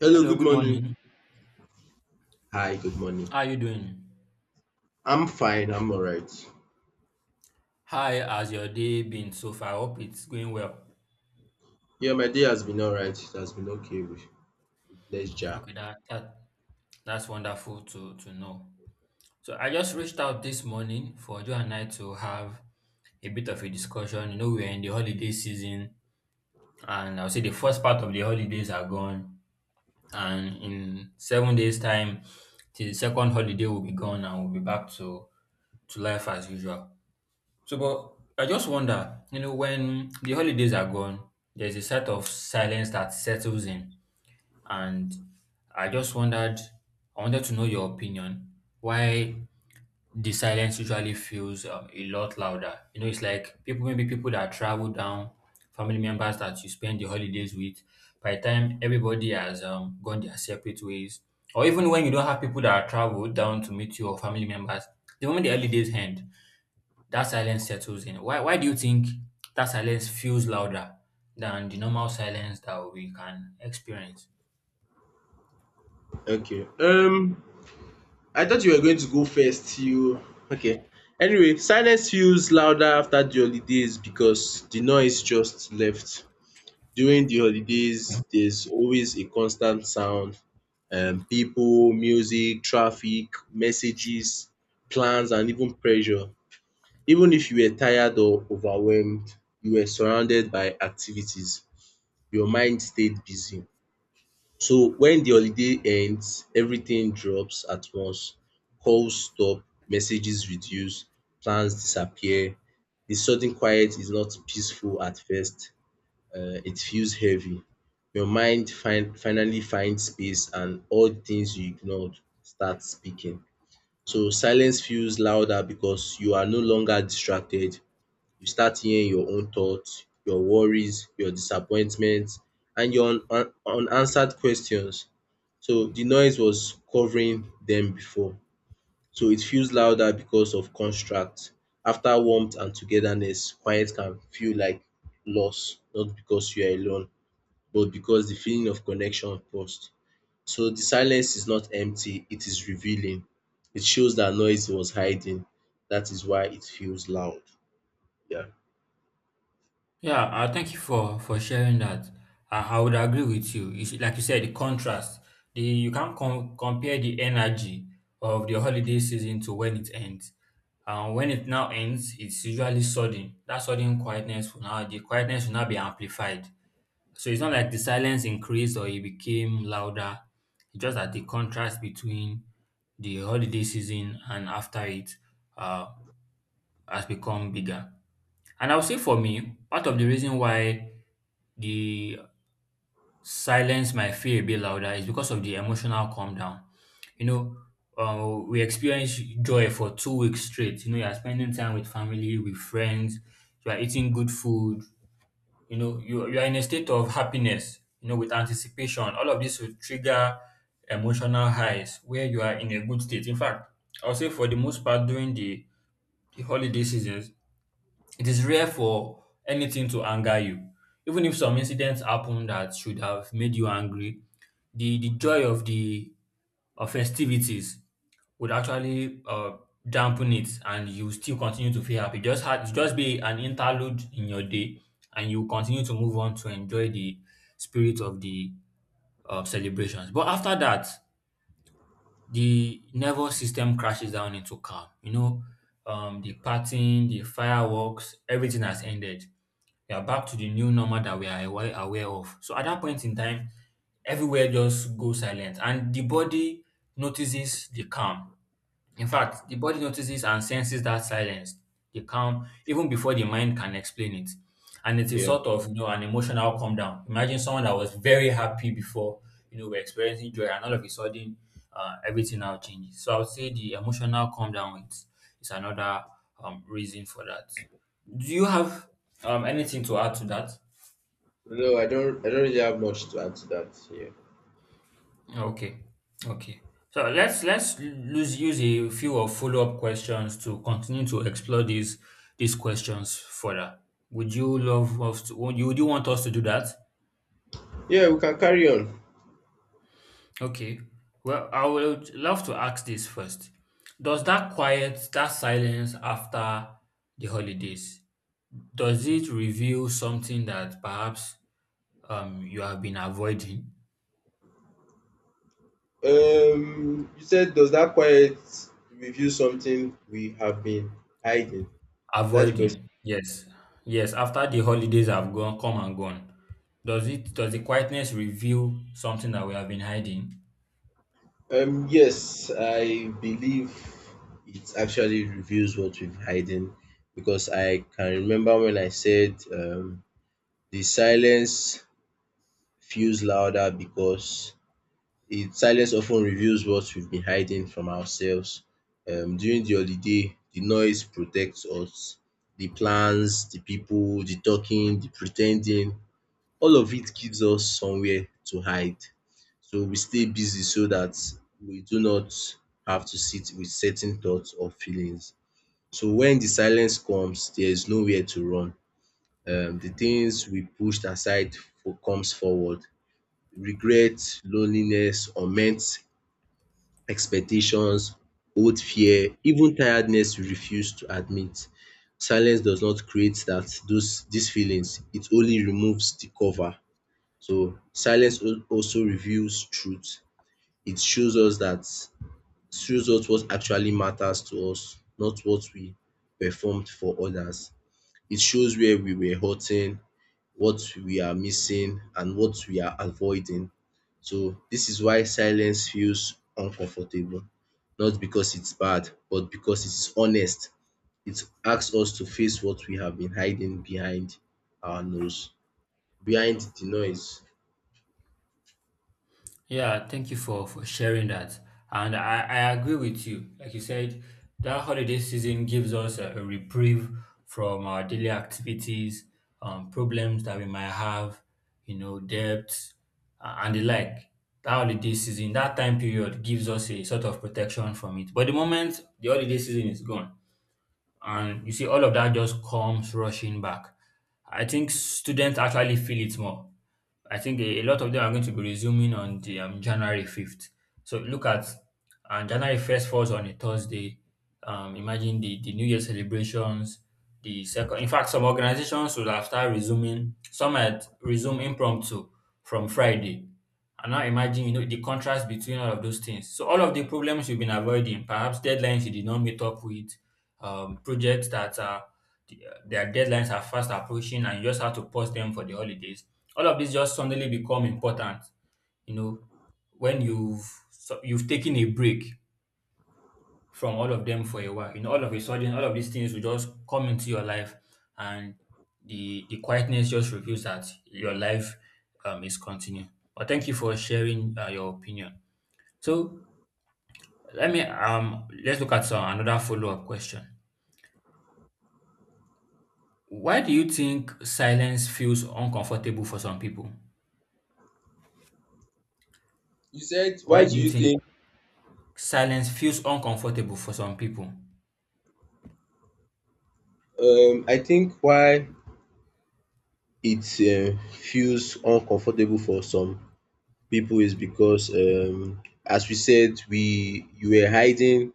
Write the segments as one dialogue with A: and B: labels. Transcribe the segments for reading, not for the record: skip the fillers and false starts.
A: Hello,
B: Hello,
A: good
B: good
A: morning.
B: morning.
A: Hi, good morning.
B: How are you doing?
A: I'm fine, I'm alright.
B: Hi, has your day been so far? I hope it's going well.
A: Yeah, my day has been alright. It has been okay with pleasure.
B: Okay, that's wonderful to know. So I just reached out this morning for you and I to have a bit of a discussion. You know, we're in the holiday season, and I'll say the first part of the holidays are gone, and in 7 days' time, the second holiday will be gone, and we'll be back to life as usual. So, but I just wonder, you know, when the holidays are gone, there's a sort of silence that settles in. And I just wondered, I wanted to know your opinion, why the silence usually feels a lot louder. You know, it's like people, maybe people that travel down, family members that you spend the holidays with, by the time everybody has gone their separate ways, or even when you don't have people that travel down to meet you or family members, the moment the holidays end, that silence settles in. Why do you think that silence feels louder than the normal silence that we can experience?
A: Okay. I thought you were going to go first. You okay. Anyway, silence feels louder after the holidays because the noise just left. During the
B: You know?
A: holidays, there's always a constant sound. People, music, traffic, messages, plans and even pressure. Even if you were tired or overwhelmed, you were surrounded by activities, your mind stayed busy. So when the holiday ends, everything drops at once. Calls stop, messages reduce, plans disappear. The sudden quiet is not peaceful at first. It feels heavy. Your mind find finally finds space and all the things you ignored start speaking. So silence feels louder because you are no longer distracted, you start hearing your own thoughts, your worries, your disappointments and your unanswered questions. So the noise was covering them before. So it feels louder because of contrast. After warmth and togetherness, quiet can feel like loss, not because you are alone, but because the feeling of connection paused. So the silence is not empty, it is revealing. It shows that noise was hiding. That is why it feels loud. Yeah.
B: Yeah, thank you for sharing that. I would agree with you. You see, like you said, the contrast. The You can't compare the energy of the holiday season to when it ends. And when it now ends, it's usually sudden. That sudden quietness will now be amplified. So it's not like the silence increased or it became louder. It's just that the contrast between the holiday season and after it uh, has become bigger. And I'll say for me, part of the reason why the silence might feel a bit louder is because of the emotional calm down. You know, we experience joy for 2 weeks straight. You know, you're spending time with family, with friends, you are eating good food, you know you are in a state of happiness, you know, with anticipation. All of this will trigger emotional highs where you are in a good state. In fact, I'll say for the most part during the holiday seasons, it is rare for anything to anger you. Even if some incidents happen that should have made you angry, the joy of the festivities would actually dampen it and you still continue to feel happy. Just had just be an interlude in your day, and you continue to move on to enjoy the spirit of the celebrations. But after that, the nervous system crashes down into calm. You know, the partying, the fireworks, everything has ended. We are back to the new normal that we are aware of. So at that point in time, everywhere just goes silent, and the body notices the calm. In fact, the body notices and senses that silence, the calm, even before the mind can explain it. And it's a
A: Yeah.
B: sort of, you know, an emotional calm down. Imagine someone that was very happy before, you know, were experiencing joy, and all of a sudden, everything now changes. So I would say the emotional calm down is another reason for that. Do you have anything to add to that?
A: No, I don't really have much to add to that here.
B: Okay, okay. So let's use a few of follow-up questions to continue to explore these questions further. Would you love would you want us to do that?
A: Yeah, we can carry on.
B: Okay. Well, I would love to ask this first. Does that quiet, that silence after the holidays, does it reveal something that perhaps you have been avoiding?
A: You said, does that quiet reveal something we have been hiding? That's the question.
B: Avoiding, yes. Yes, after the holidays have gone come and gone, does it does the quietness reveal something that we have been hiding?
A: Yes, I believe it actually reveals what we've hiding because I can remember when I said the silence feels louder because It silence often reveals what we've been hiding from ourselves. During the holiday, the noise protects us. The plans, the people, the talking, the pretending, all of it gives us somewhere to hide. So we stay busy so that we do not have to sit with certain thoughts or feelings. So when the silence comes, there is nowhere to run. The things we pushed aside for comes forward. Regret, loneliness, or meant expectations, old fear, even tiredness we refuse to admit. Silence does not create that those these feelings, it only removes the cover. So silence also reveals truth. It shows us that shows us what actually matters to us, not what we performed for others. It shows where we were hurting, what we are missing and what we are avoiding. So this is why silence feels uncomfortable, not because it's bad, but because it's honest. It asks us to face what we have been hiding behind our nose, behind the noise.
B: Yeah, thank you for sharing that. And I agree with you. Like you said, that holiday season gives us a reprieve from our daily activities, problems that we might have, you know, debts and the like. That holiday season, that time period gives us a sort of protection from it. But the moment the holiday season is gone, and you see, all of that just comes rushing back. I think students actually feel it more. I think a lot of them are going to be resuming on the January 5th. So look at, and January 1st falls on a Thursday. Imagine the New Year celebrations, the second. In fact, some organizations will have started resuming, some might resume impromptu from Friday. And now imagine, you know, the contrast between all of those things. So all of the problems you've been avoiding, perhaps deadlines you did not meet up with, projects that are the- their deadlines are fast approaching and you just have to pause them for the holidays. All of this just suddenly become important, you know, when you've you've taken a break from all of them for a while. You know, all of a sudden, all of these things will just come into your life, and the quietness just reveals that your life is continuing. But thank you for sharing your opinion. So let me let's look at some another follow up question. Why do you think silence feels uncomfortable for some people?
A: You said,
B: Why
A: why
B: do
A: do
B: you
A: you
B: think
A: think?
B: silence feels uncomfortable for some people?
A: I think why it feels uncomfortable for some people is because as we said, we you were hiding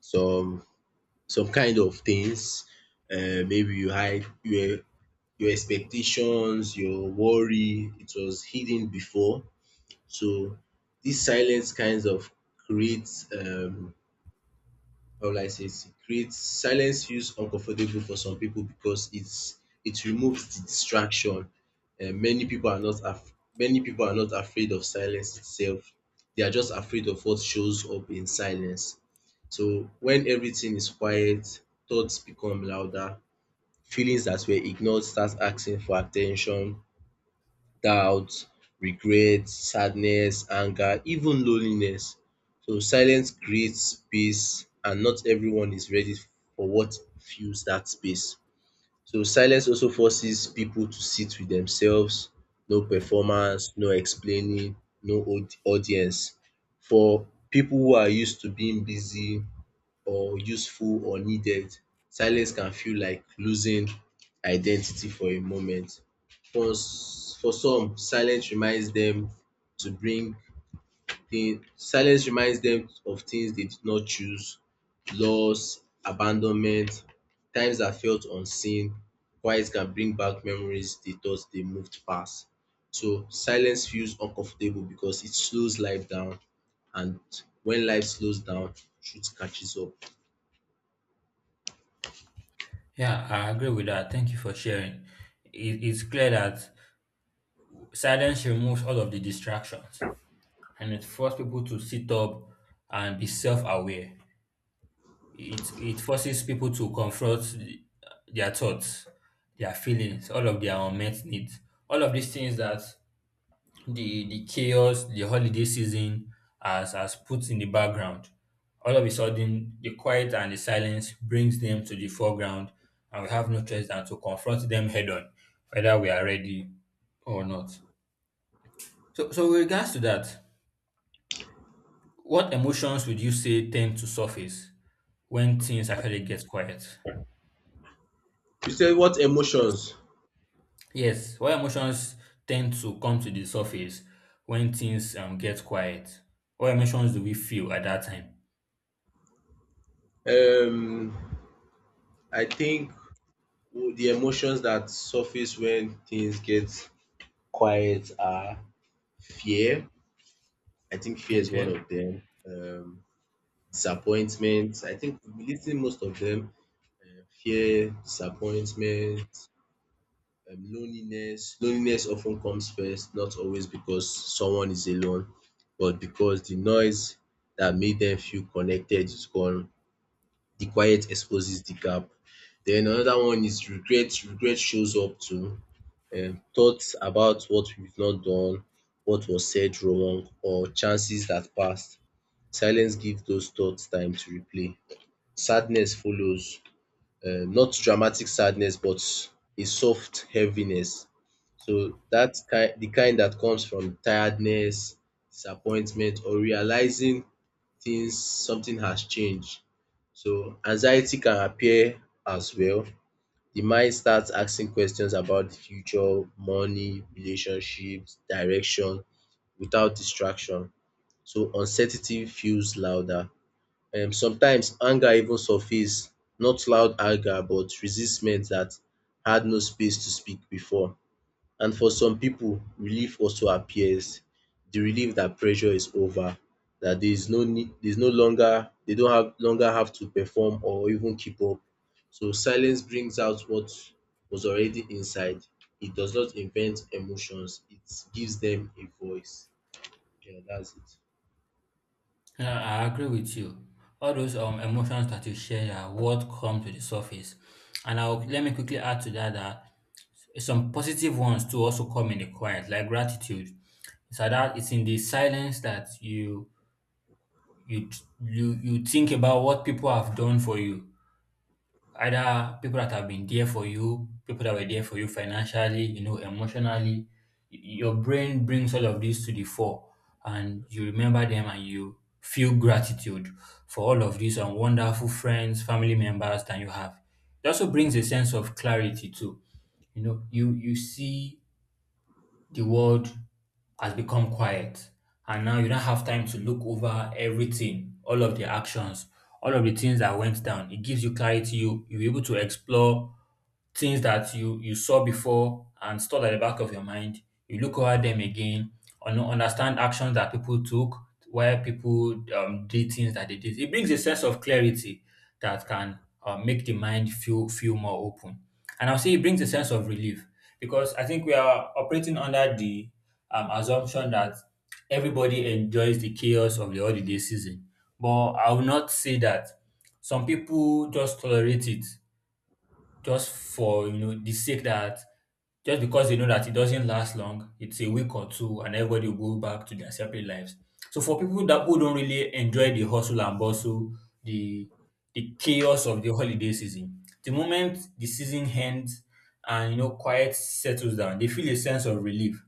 A: some some kind of things. Maybe you hide your expectations, your worry. It was hidden before. So this silence kinds of creates how will I say it? It Creates Silence feels uncomfortable for some people because it removes the distraction. Many people are not afraid of silence itself. They are just afraid of what shows up in silence. So when everything is quiet, thoughts become louder, feelings that were ignored start asking for attention, doubt, regret, sadness, anger, even loneliness. So silence creates space and not everyone is ready for what fills that space. So silence also forces people to sit with themselves, no performance, no explaining, no audience. For people who are used to being busy, or useful or needed, silence can feel like losing identity for a moment. For for some, silence reminds them to bring things. Silence reminds them of things they did not choose, loss, abandonment, times that felt unseen. Quiet can bring back memories they thought they moved past. So silence feels uncomfortable because it slows life down and when life slows down, truth catches up.
B: Yeah, I agree with that. Thank you for sharing. It's clear that silence removes all of the distractions and it forces people to sit up and be self aware. It forces people to confront their thoughts, their feelings, all of their unmet needs, all of these things that the chaos, the holiday season has put in the background. All of a sudden, the quiet and the silence brings them to the foreground, and we have no choice than to confront them head on, whether we are ready or not. So, with regards to that, what emotions would you say tend to surface when things actually get quiet?
A: You said what emotions?
B: Yes, what emotions tend to come to the surface when things get quiet? What emotions do we feel at that time?
A: Um, I think the emotions that surface when things get quiet are fear. I think fear is one
B: Okay.
A: of them. Disappointment. I think listing most of them. Fear, disappointment, loneliness. Loneliness often comes first, not always because someone is alone, but because the noise that made them feel connected is gone. The quiet exposes the gap. Then another one is regret. Regret shows up too. Thoughts about what we've not done, what was said wrong, or chances that passed. Silence gives those thoughts time to replay. Sadness follows. Not dramatic sadness, but a soft heaviness. So the kind that comes from tiredness, disappointment, or realizing something has changed. So anxiety can appear as well. The mind starts asking questions about the future, money, relationships, direction without distraction. So uncertainty feels louder. Sometimes anger even surface, not loud anger but resentment that had no space to speak before. And for some people, relief also appears. The relief that pressure is over, that there's no longer, they don't have longer have to perform or even keep up. So silence brings out what was already inside. It does not invent emotions. It gives them a voice. Yeah, that's it.
B: Yeah, I agree with you. All those emotions that you share are what come to the surface. And I'll let me quickly add to that that some positive ones too also come in the quiet, like gratitude. So that it's in the silence that you you think about what people have done for you, either people that have been there for you, people that were there for you financially, you know, emotionally. Your brain brings all of this to the fore and you remember them and you feel gratitude for all of these and wonderful friends, family members that you have. It also brings a sense of clarity too. You know, you see the world has become quiet and now you don't have time to look over everything, all of the actions, all of the things that went down. It gives you clarity. You're able to explore things that you saw before and stored at the back of your mind. You look over them again, understand actions that people took, why people did things that they did. It brings a sense of clarity that can make the mind feel more open. And I'll say it brings a sense of relief, because I think we are operating under the assumption that everybody enjoys the chaos of the holiday season. But I will not say that. Some people just tolerate it, just for you know the sake that, just because they know that it doesn't last long, it's a week or two, and everybody will go back to their separate lives. So for people that who don't really enjoy the hustle and bustle, the chaos of the holiday season, the moment the season ends and you know quiet settles down, they feel a sense of relief,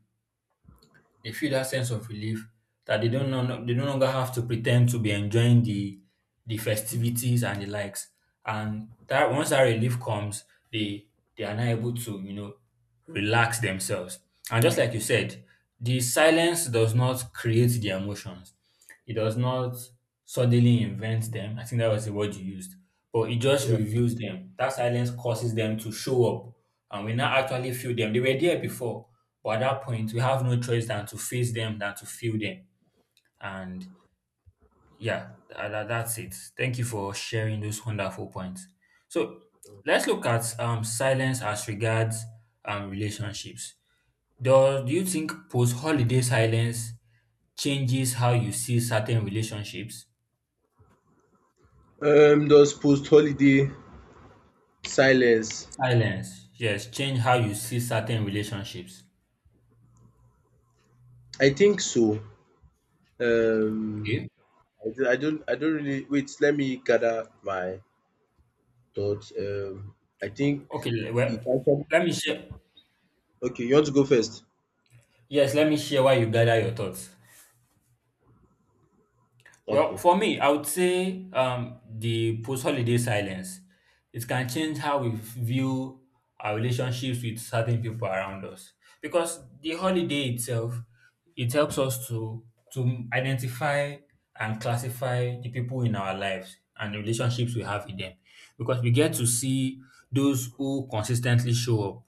B: they feel that sense of relief that they no longer have to pretend to be enjoying the festivities and the likes. And that once that relief comes, they they are now able to, you know, relax themselves. And just like you said, the silence does not create the emotions. It does not suddenly invent them. I think that was the word you used. But it just
A: Yeah.
B: reveals them. That silence causes them to show up. And we now actually feel them. They were there before. But at that point, we have no choice than to face them, than to feel them. And yeah, that's it. Thank you for sharing those wonderful points. So let's look at silence as regards relationships. Do you think post holiday silence changes how you see certain relationships?
A: Does post-holiday silence?
B: Silence, yes, change how you see certain relationships.
A: I think so. Um,
B: Okay.
A: I, do, I don't. I don't really. Wait. Let me gather my. But I think
B: Okay, well,
A: it actually.
B: let me share.
A: Okay, you want to go first?
B: Yes, let me share why you gather your thoughts. Well,
A: Okay.
B: for me, I would say the post-holiday silence. It can change how we view our relationships with certain people around us because the holiday itself it helps us to identify and classify the people in our lives and the relationships we have with them because we get to see those who consistently show up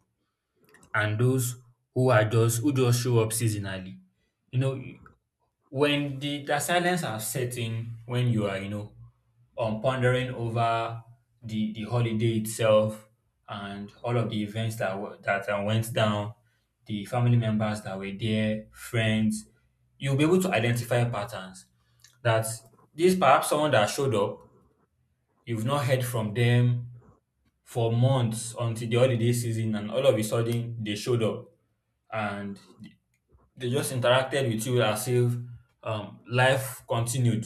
B: and those who just show up seasonally, you know, when the silence has set in, when you are, you know, pondering over the holiday itself and all of the events that went down, the family members that were there, friends. You'll be able to identify patterns that, this perhaps someone that showed up, you've not heard from them for months until the holiday season and all of a sudden they showed up, and they just interacted with you as if, life continued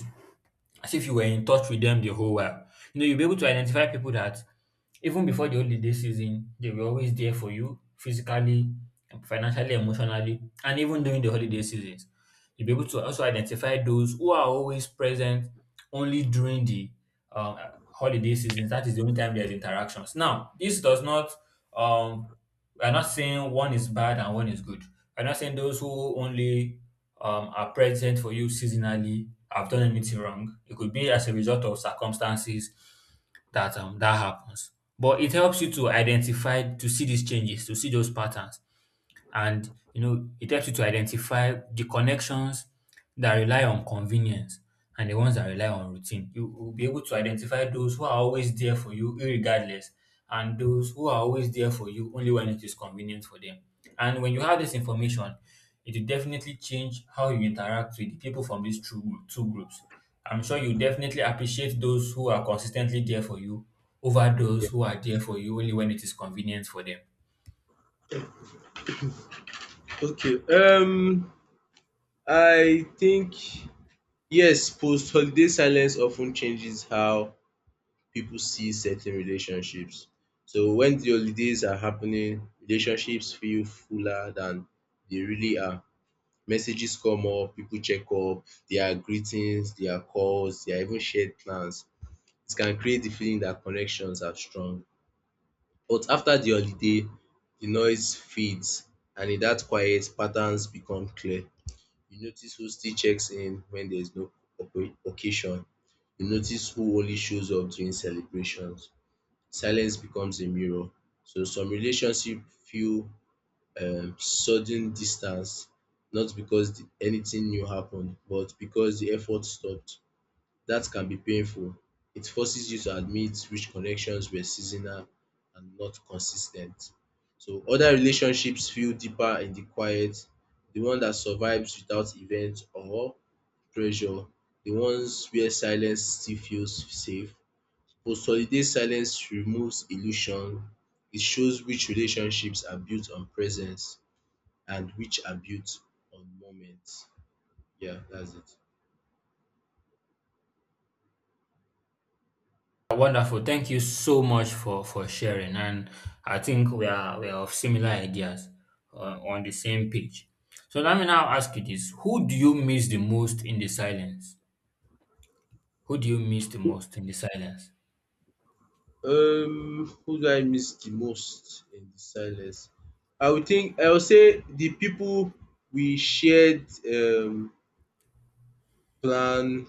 B: as if you were in touch with them the whole while. You know, you'll be able to identify people that even before the holiday season, they were always there for you physically, financially, emotionally, and even during the holiday seasons. You'll be able to also identify those who are always present only during the um, holiday seasons. That is the only time there's interactions. Now, this does not, um, we're not saying one is bad and one is good. We're not saying those who only are present for you seasonally have done anything wrong. It could be as a result of circumstances that that happens. But it helps you to identify, to see these changes, to see those patterns, and you know it helps you to identify the connections that rely on convenience and the ones that rely on routine. You will be able to identify those who are always there for you, irregardless, and those who are always there for you only when it is convenient for them. And when you have this information, it will definitely change how you interact with the people from these two groups. I'm sure you definitely appreciate those who are consistently there for you over those
A: Yeah.
B: who are there for you only when it is convenient for them.
A: Okay. I think yes. Post-holiday silence often changes how people see certain relationships. So when the holidays are happening, relationships feel fuller than they really are. Messages come up, people check up, there are greetings, there are calls, there are even shared plans. It can create the feeling that connections are strong. But after the holiday, the noise fades and in that quiet, patterns become clear. You notice who still checks in when there's no occasion. You notice who only shows up during celebrations. Silence becomes a mirror. So some relationship feel sudden distance, not because the anything new happened, but because the effort stopped. That can be painful. It forces you to admit which connections were seasonal and not consistent. So other relationships feel deeper in the quiet, the one that survives without event or pressure, the ones where silence still feels safe. Consolidate silence removes illusion. It shows which relationships are built on presence and which are built on moments. Yeah, that's it.
B: Wonderful. Thank you so much for sharing. And I think we are of similar ideas, on the same page. So let me now ask you this. Who do you miss the most in the silence? Who do you miss the most in the silence?
A: Who do I miss the most in the silence? I would think I would say the people we shared plan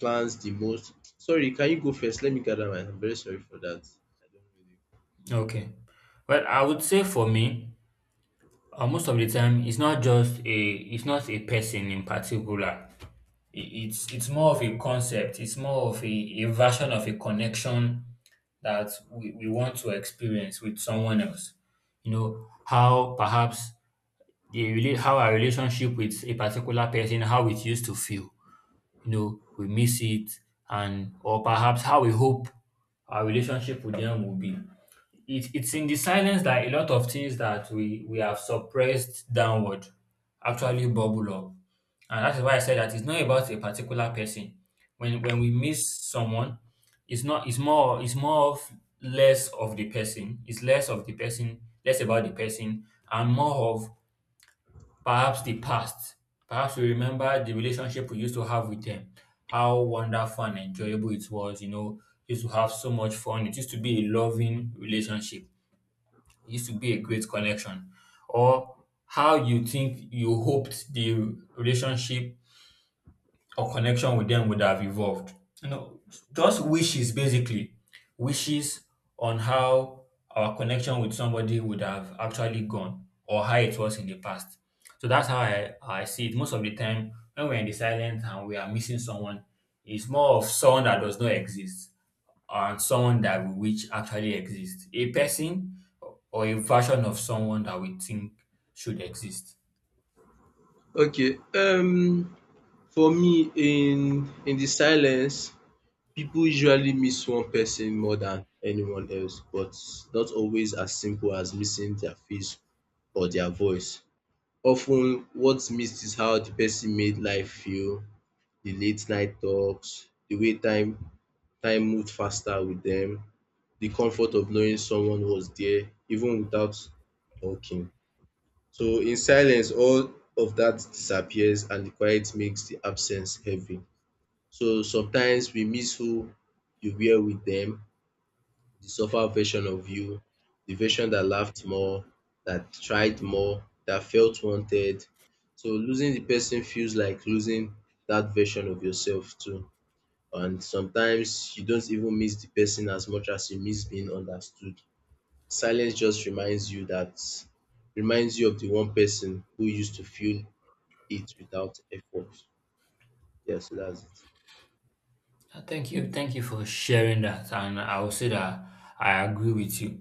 A: plans the most. Sorry, can you go first? Let me gather my. I'm very sorry for that. I don't really.
B: Okay. Well, I would say for me, most of the time, it's not just a it's not a person in particular. It's more of a concept, it's more of a version of a connection that we want to experience with someone else. You know how perhaps how our relationship with a particular person, how it used to feel, you know we miss it, and or perhaps how we hope our relationship with them will be. It's in the silence that a lot of things that we have suppressed downward actually bubble up. And that is why I said that it's not about a particular person. When we miss someone, it's not it's more it's more of less of the person. It's less of the person, less about the person, and more of perhaps the past. Perhaps we remember the relationship we used to have with them, how wonderful and enjoyable it was, you know, used to have so much fun. It used to be a loving relationship, used to be a great connection, or how you think you hoped the relationship or connection with them would have evolved. You know, just wishes basically, wishes on how our connection with somebody would have actually gone or how it was in the past. So that's how I see it. Most of the time, when we're in the silence and we are missing someone, it's more of someone that does not exist and someone that we wish actually exists. A person or a version of someone that we think should exist.
A: Okay. For me in the silence, people usually miss one person more than anyone else, but not always as simple as missing their face or their voice. Often, what's missed is how the person made life feel, the late night talks, the way time moved faster with them, the comfort of knowing someone was there even without talking. So in silence all of that disappears and the quiet makes the absence heavy. So sometimes we miss who you were with them, the suffer version of you, the version that laughed more, that tried more, that felt wanted. So losing the person feels like losing that version of yourself too. And sometimes you don't even miss the person as much as you miss being understood. Silence just reminds you of the one person who used to feel it without effort. Yeah, so that's it.
B: Thank you. Thank you for sharing that. And I will say that I agree with you.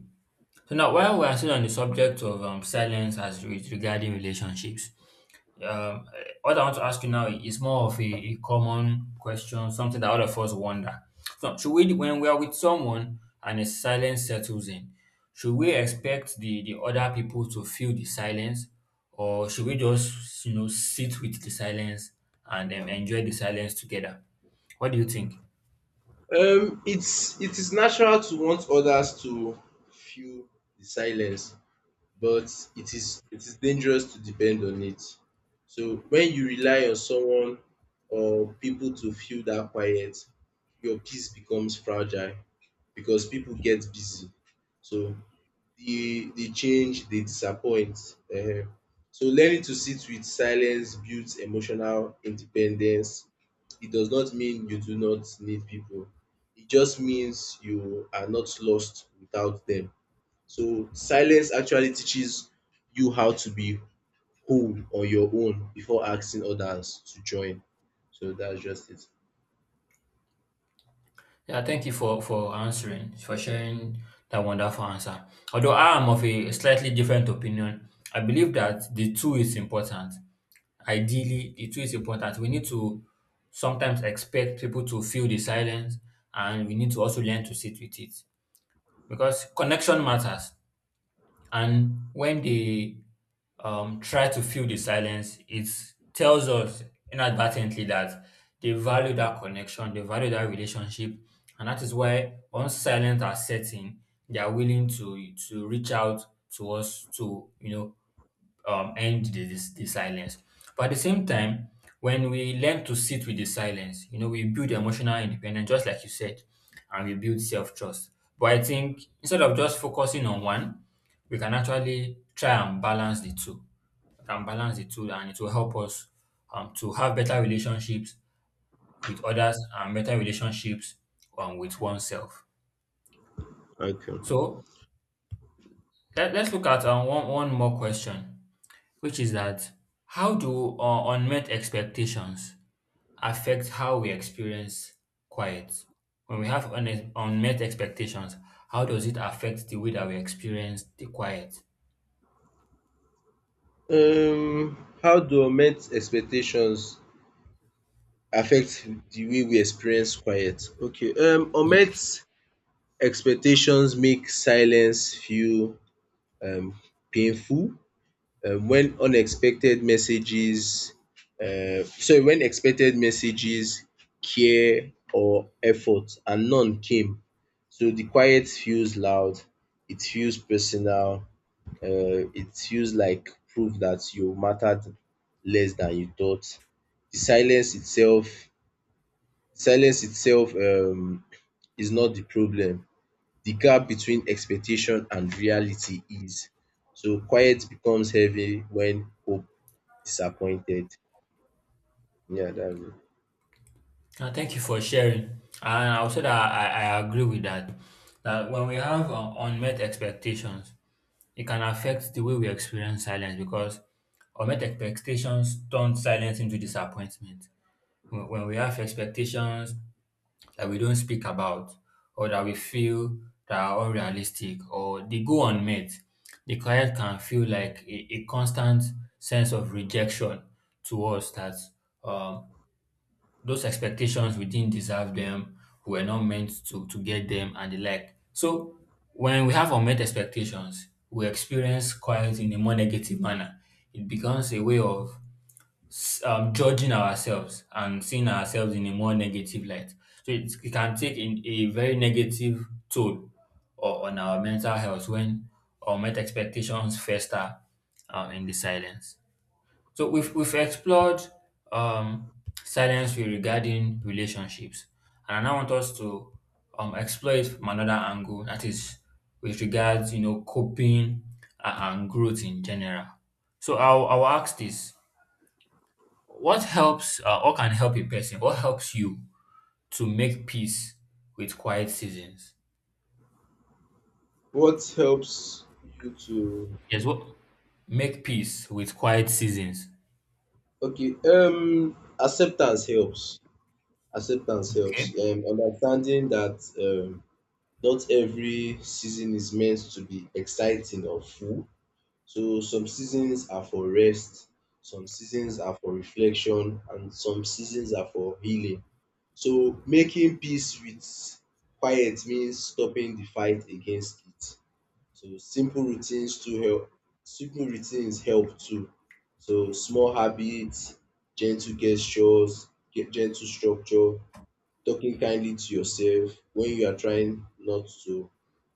B: So now, while we are still on the subject of silence as with regarding relationships, Um, what I want to ask you now is more of a common question, something that all of us wonder. So, should we, when we are with someone and a silence settles in, should we expect the other people to feel the silence, or should we just you know sit with the silence and enjoy the silence together? What do you think?
A: It is natural to want others to feel the silence, but it is dangerous to depend on it. So when you rely on someone or people to fill that quiet, your peace becomes fragile because people get busy. So they change, they disappoint. um So learning to sit with silence builds emotional independence. It does not mean you do not need people. It just means you are not lost without them. So silence actually teaches you how to be whole on your own before asking others to join. So that's just it.
B: Yeah, thank you for answering, for sharing that wonderful answer. Although I am of a slightly different opinion, I believe that the two is important. Ideally the two is important, we need to sometimes expect people to feel the silence, and we need to also learn to sit with it because connection matters. And when they try to feel the silence, it tells us inadvertently that they value that connection, they value that relationship, and that is why once silent are setting, they are willing to reach out to us, to you know, end the silence. But at the same time, when we learn to sit with the silence, you know, we build emotional independence, just like you said, and we build self trust. But I think instead of just focusing on one, we can actually try and balance the two. We can balance the two, and it will help us to have better relationships with others and better relationships with oneself.
A: Okay.
B: So let's look at one more question, which is that how do unmet expectations affect how we experience quiet? When we have unmet expectations, how does it affect the way that we experience the quiet?
A: Um, how do unmet expectations affect the way we experience quiet? Okay. Unmet
B: Yes.
A: expectations make silence feel um painful when unexpected messages sorry, when expected messages, care or effort and none came. So the quiet feels loud, it feels personal, it feels like proof that you mattered less than you thought. The silence itself Silence itself is not the problem. The gap between expectation and reality is. So quiet becomes heavy when hope disappointed. Yeah, that's it.
B: Thank you for sharing. And I would say that I agree with that. That when we have unmet expectations, it can affect the way we experience silence because unmet expectations turn silence into disappointment. When we have expectations that we don't speak about or that we feel that are unrealistic or they go unmet, the client can feel like a constant sense of rejection to us that um, those expectations we didn't deserve them, we were not meant to get them and the like. So when we have unmet expectations, we experience clients in a more negative manner. It becomes a way of judging ourselves and seeing ourselves in a more negative light. So it can take in a very negative toll or on our mental health when unmet expectations fester in the silence. So we've explored um, silence with regarding relationships. And I now want us to explore it from another angle, that is with regards, you know, coping and growth in general. So I'll ask this, what helps, what can help a person? What helps you to make peace with quiet seasons?
A: What helps you to
B: Yes, what make peace with quiet seasons?
A: okay, acceptance helps. Acceptance
B: Okay,
A: helps. Understanding that not every season is meant to be exciting or full. So some seasons are for rest, some seasons are for reflection, and some seasons are for healing. So making peace with quiet means stopping the fight against it. So simple routines help too. So small habits, gentle gestures, gentle structure, talking kindly to yourself when you are trying not to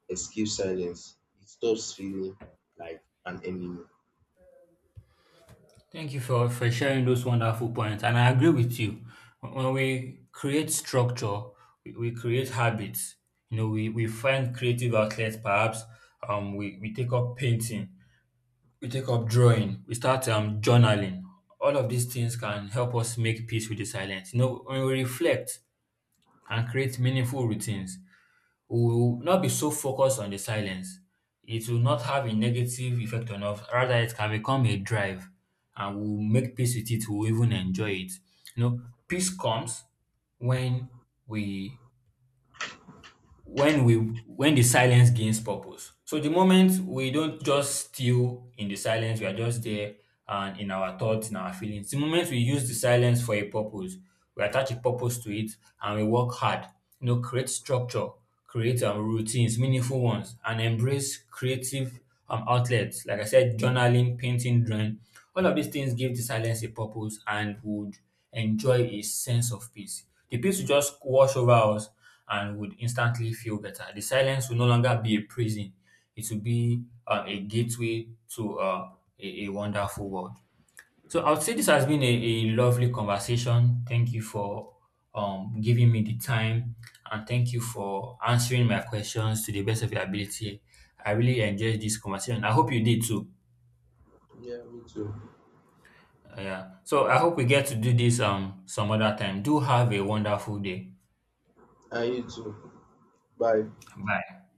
A: escape silence. It stops feeling like an enemy.
B: thank you for sharing those wonderful points. And I agree with you. When we create structure, we create habits. You know, we find creative outlets, perhaps we take up painting, we take up drawing, we start journaling. All of these things can help us make peace with the silence. You know, when we reflect, and create meaningful routines. We will not be so focused on the silence. It will not have a negative effect on us. Rather, it can become a drive and we'll make peace with it. We'll even enjoy it. You know, peace comes when we when the silence gains purpose. So the moment we don't just steal in the silence, we are just there and in our thoughts, in our feelings. The moment we use the silence for a purpose, we attach a purpose to it and we work hard. You know, create structure, create routines, meaningful ones, and embrace creative outlets. Like I said, journaling, painting, drawing. All of these things give the silence a purpose and would enjoy a sense of peace. The peace will just wash over us and would instantly feel better. The silence will no longer be a prison, it will be a gateway to a wonderful world. So I would say this has been a lovely conversation. Thank you for giving me the time and thank you for answering my questions to the best of your ability. I really enjoyed this conversation. I hope you did too.
A: Yeah, me too.
B: Yeah. So I hope we get to do this some other time. Do have a wonderful day.
A: And you too. Bye.
B: Bye.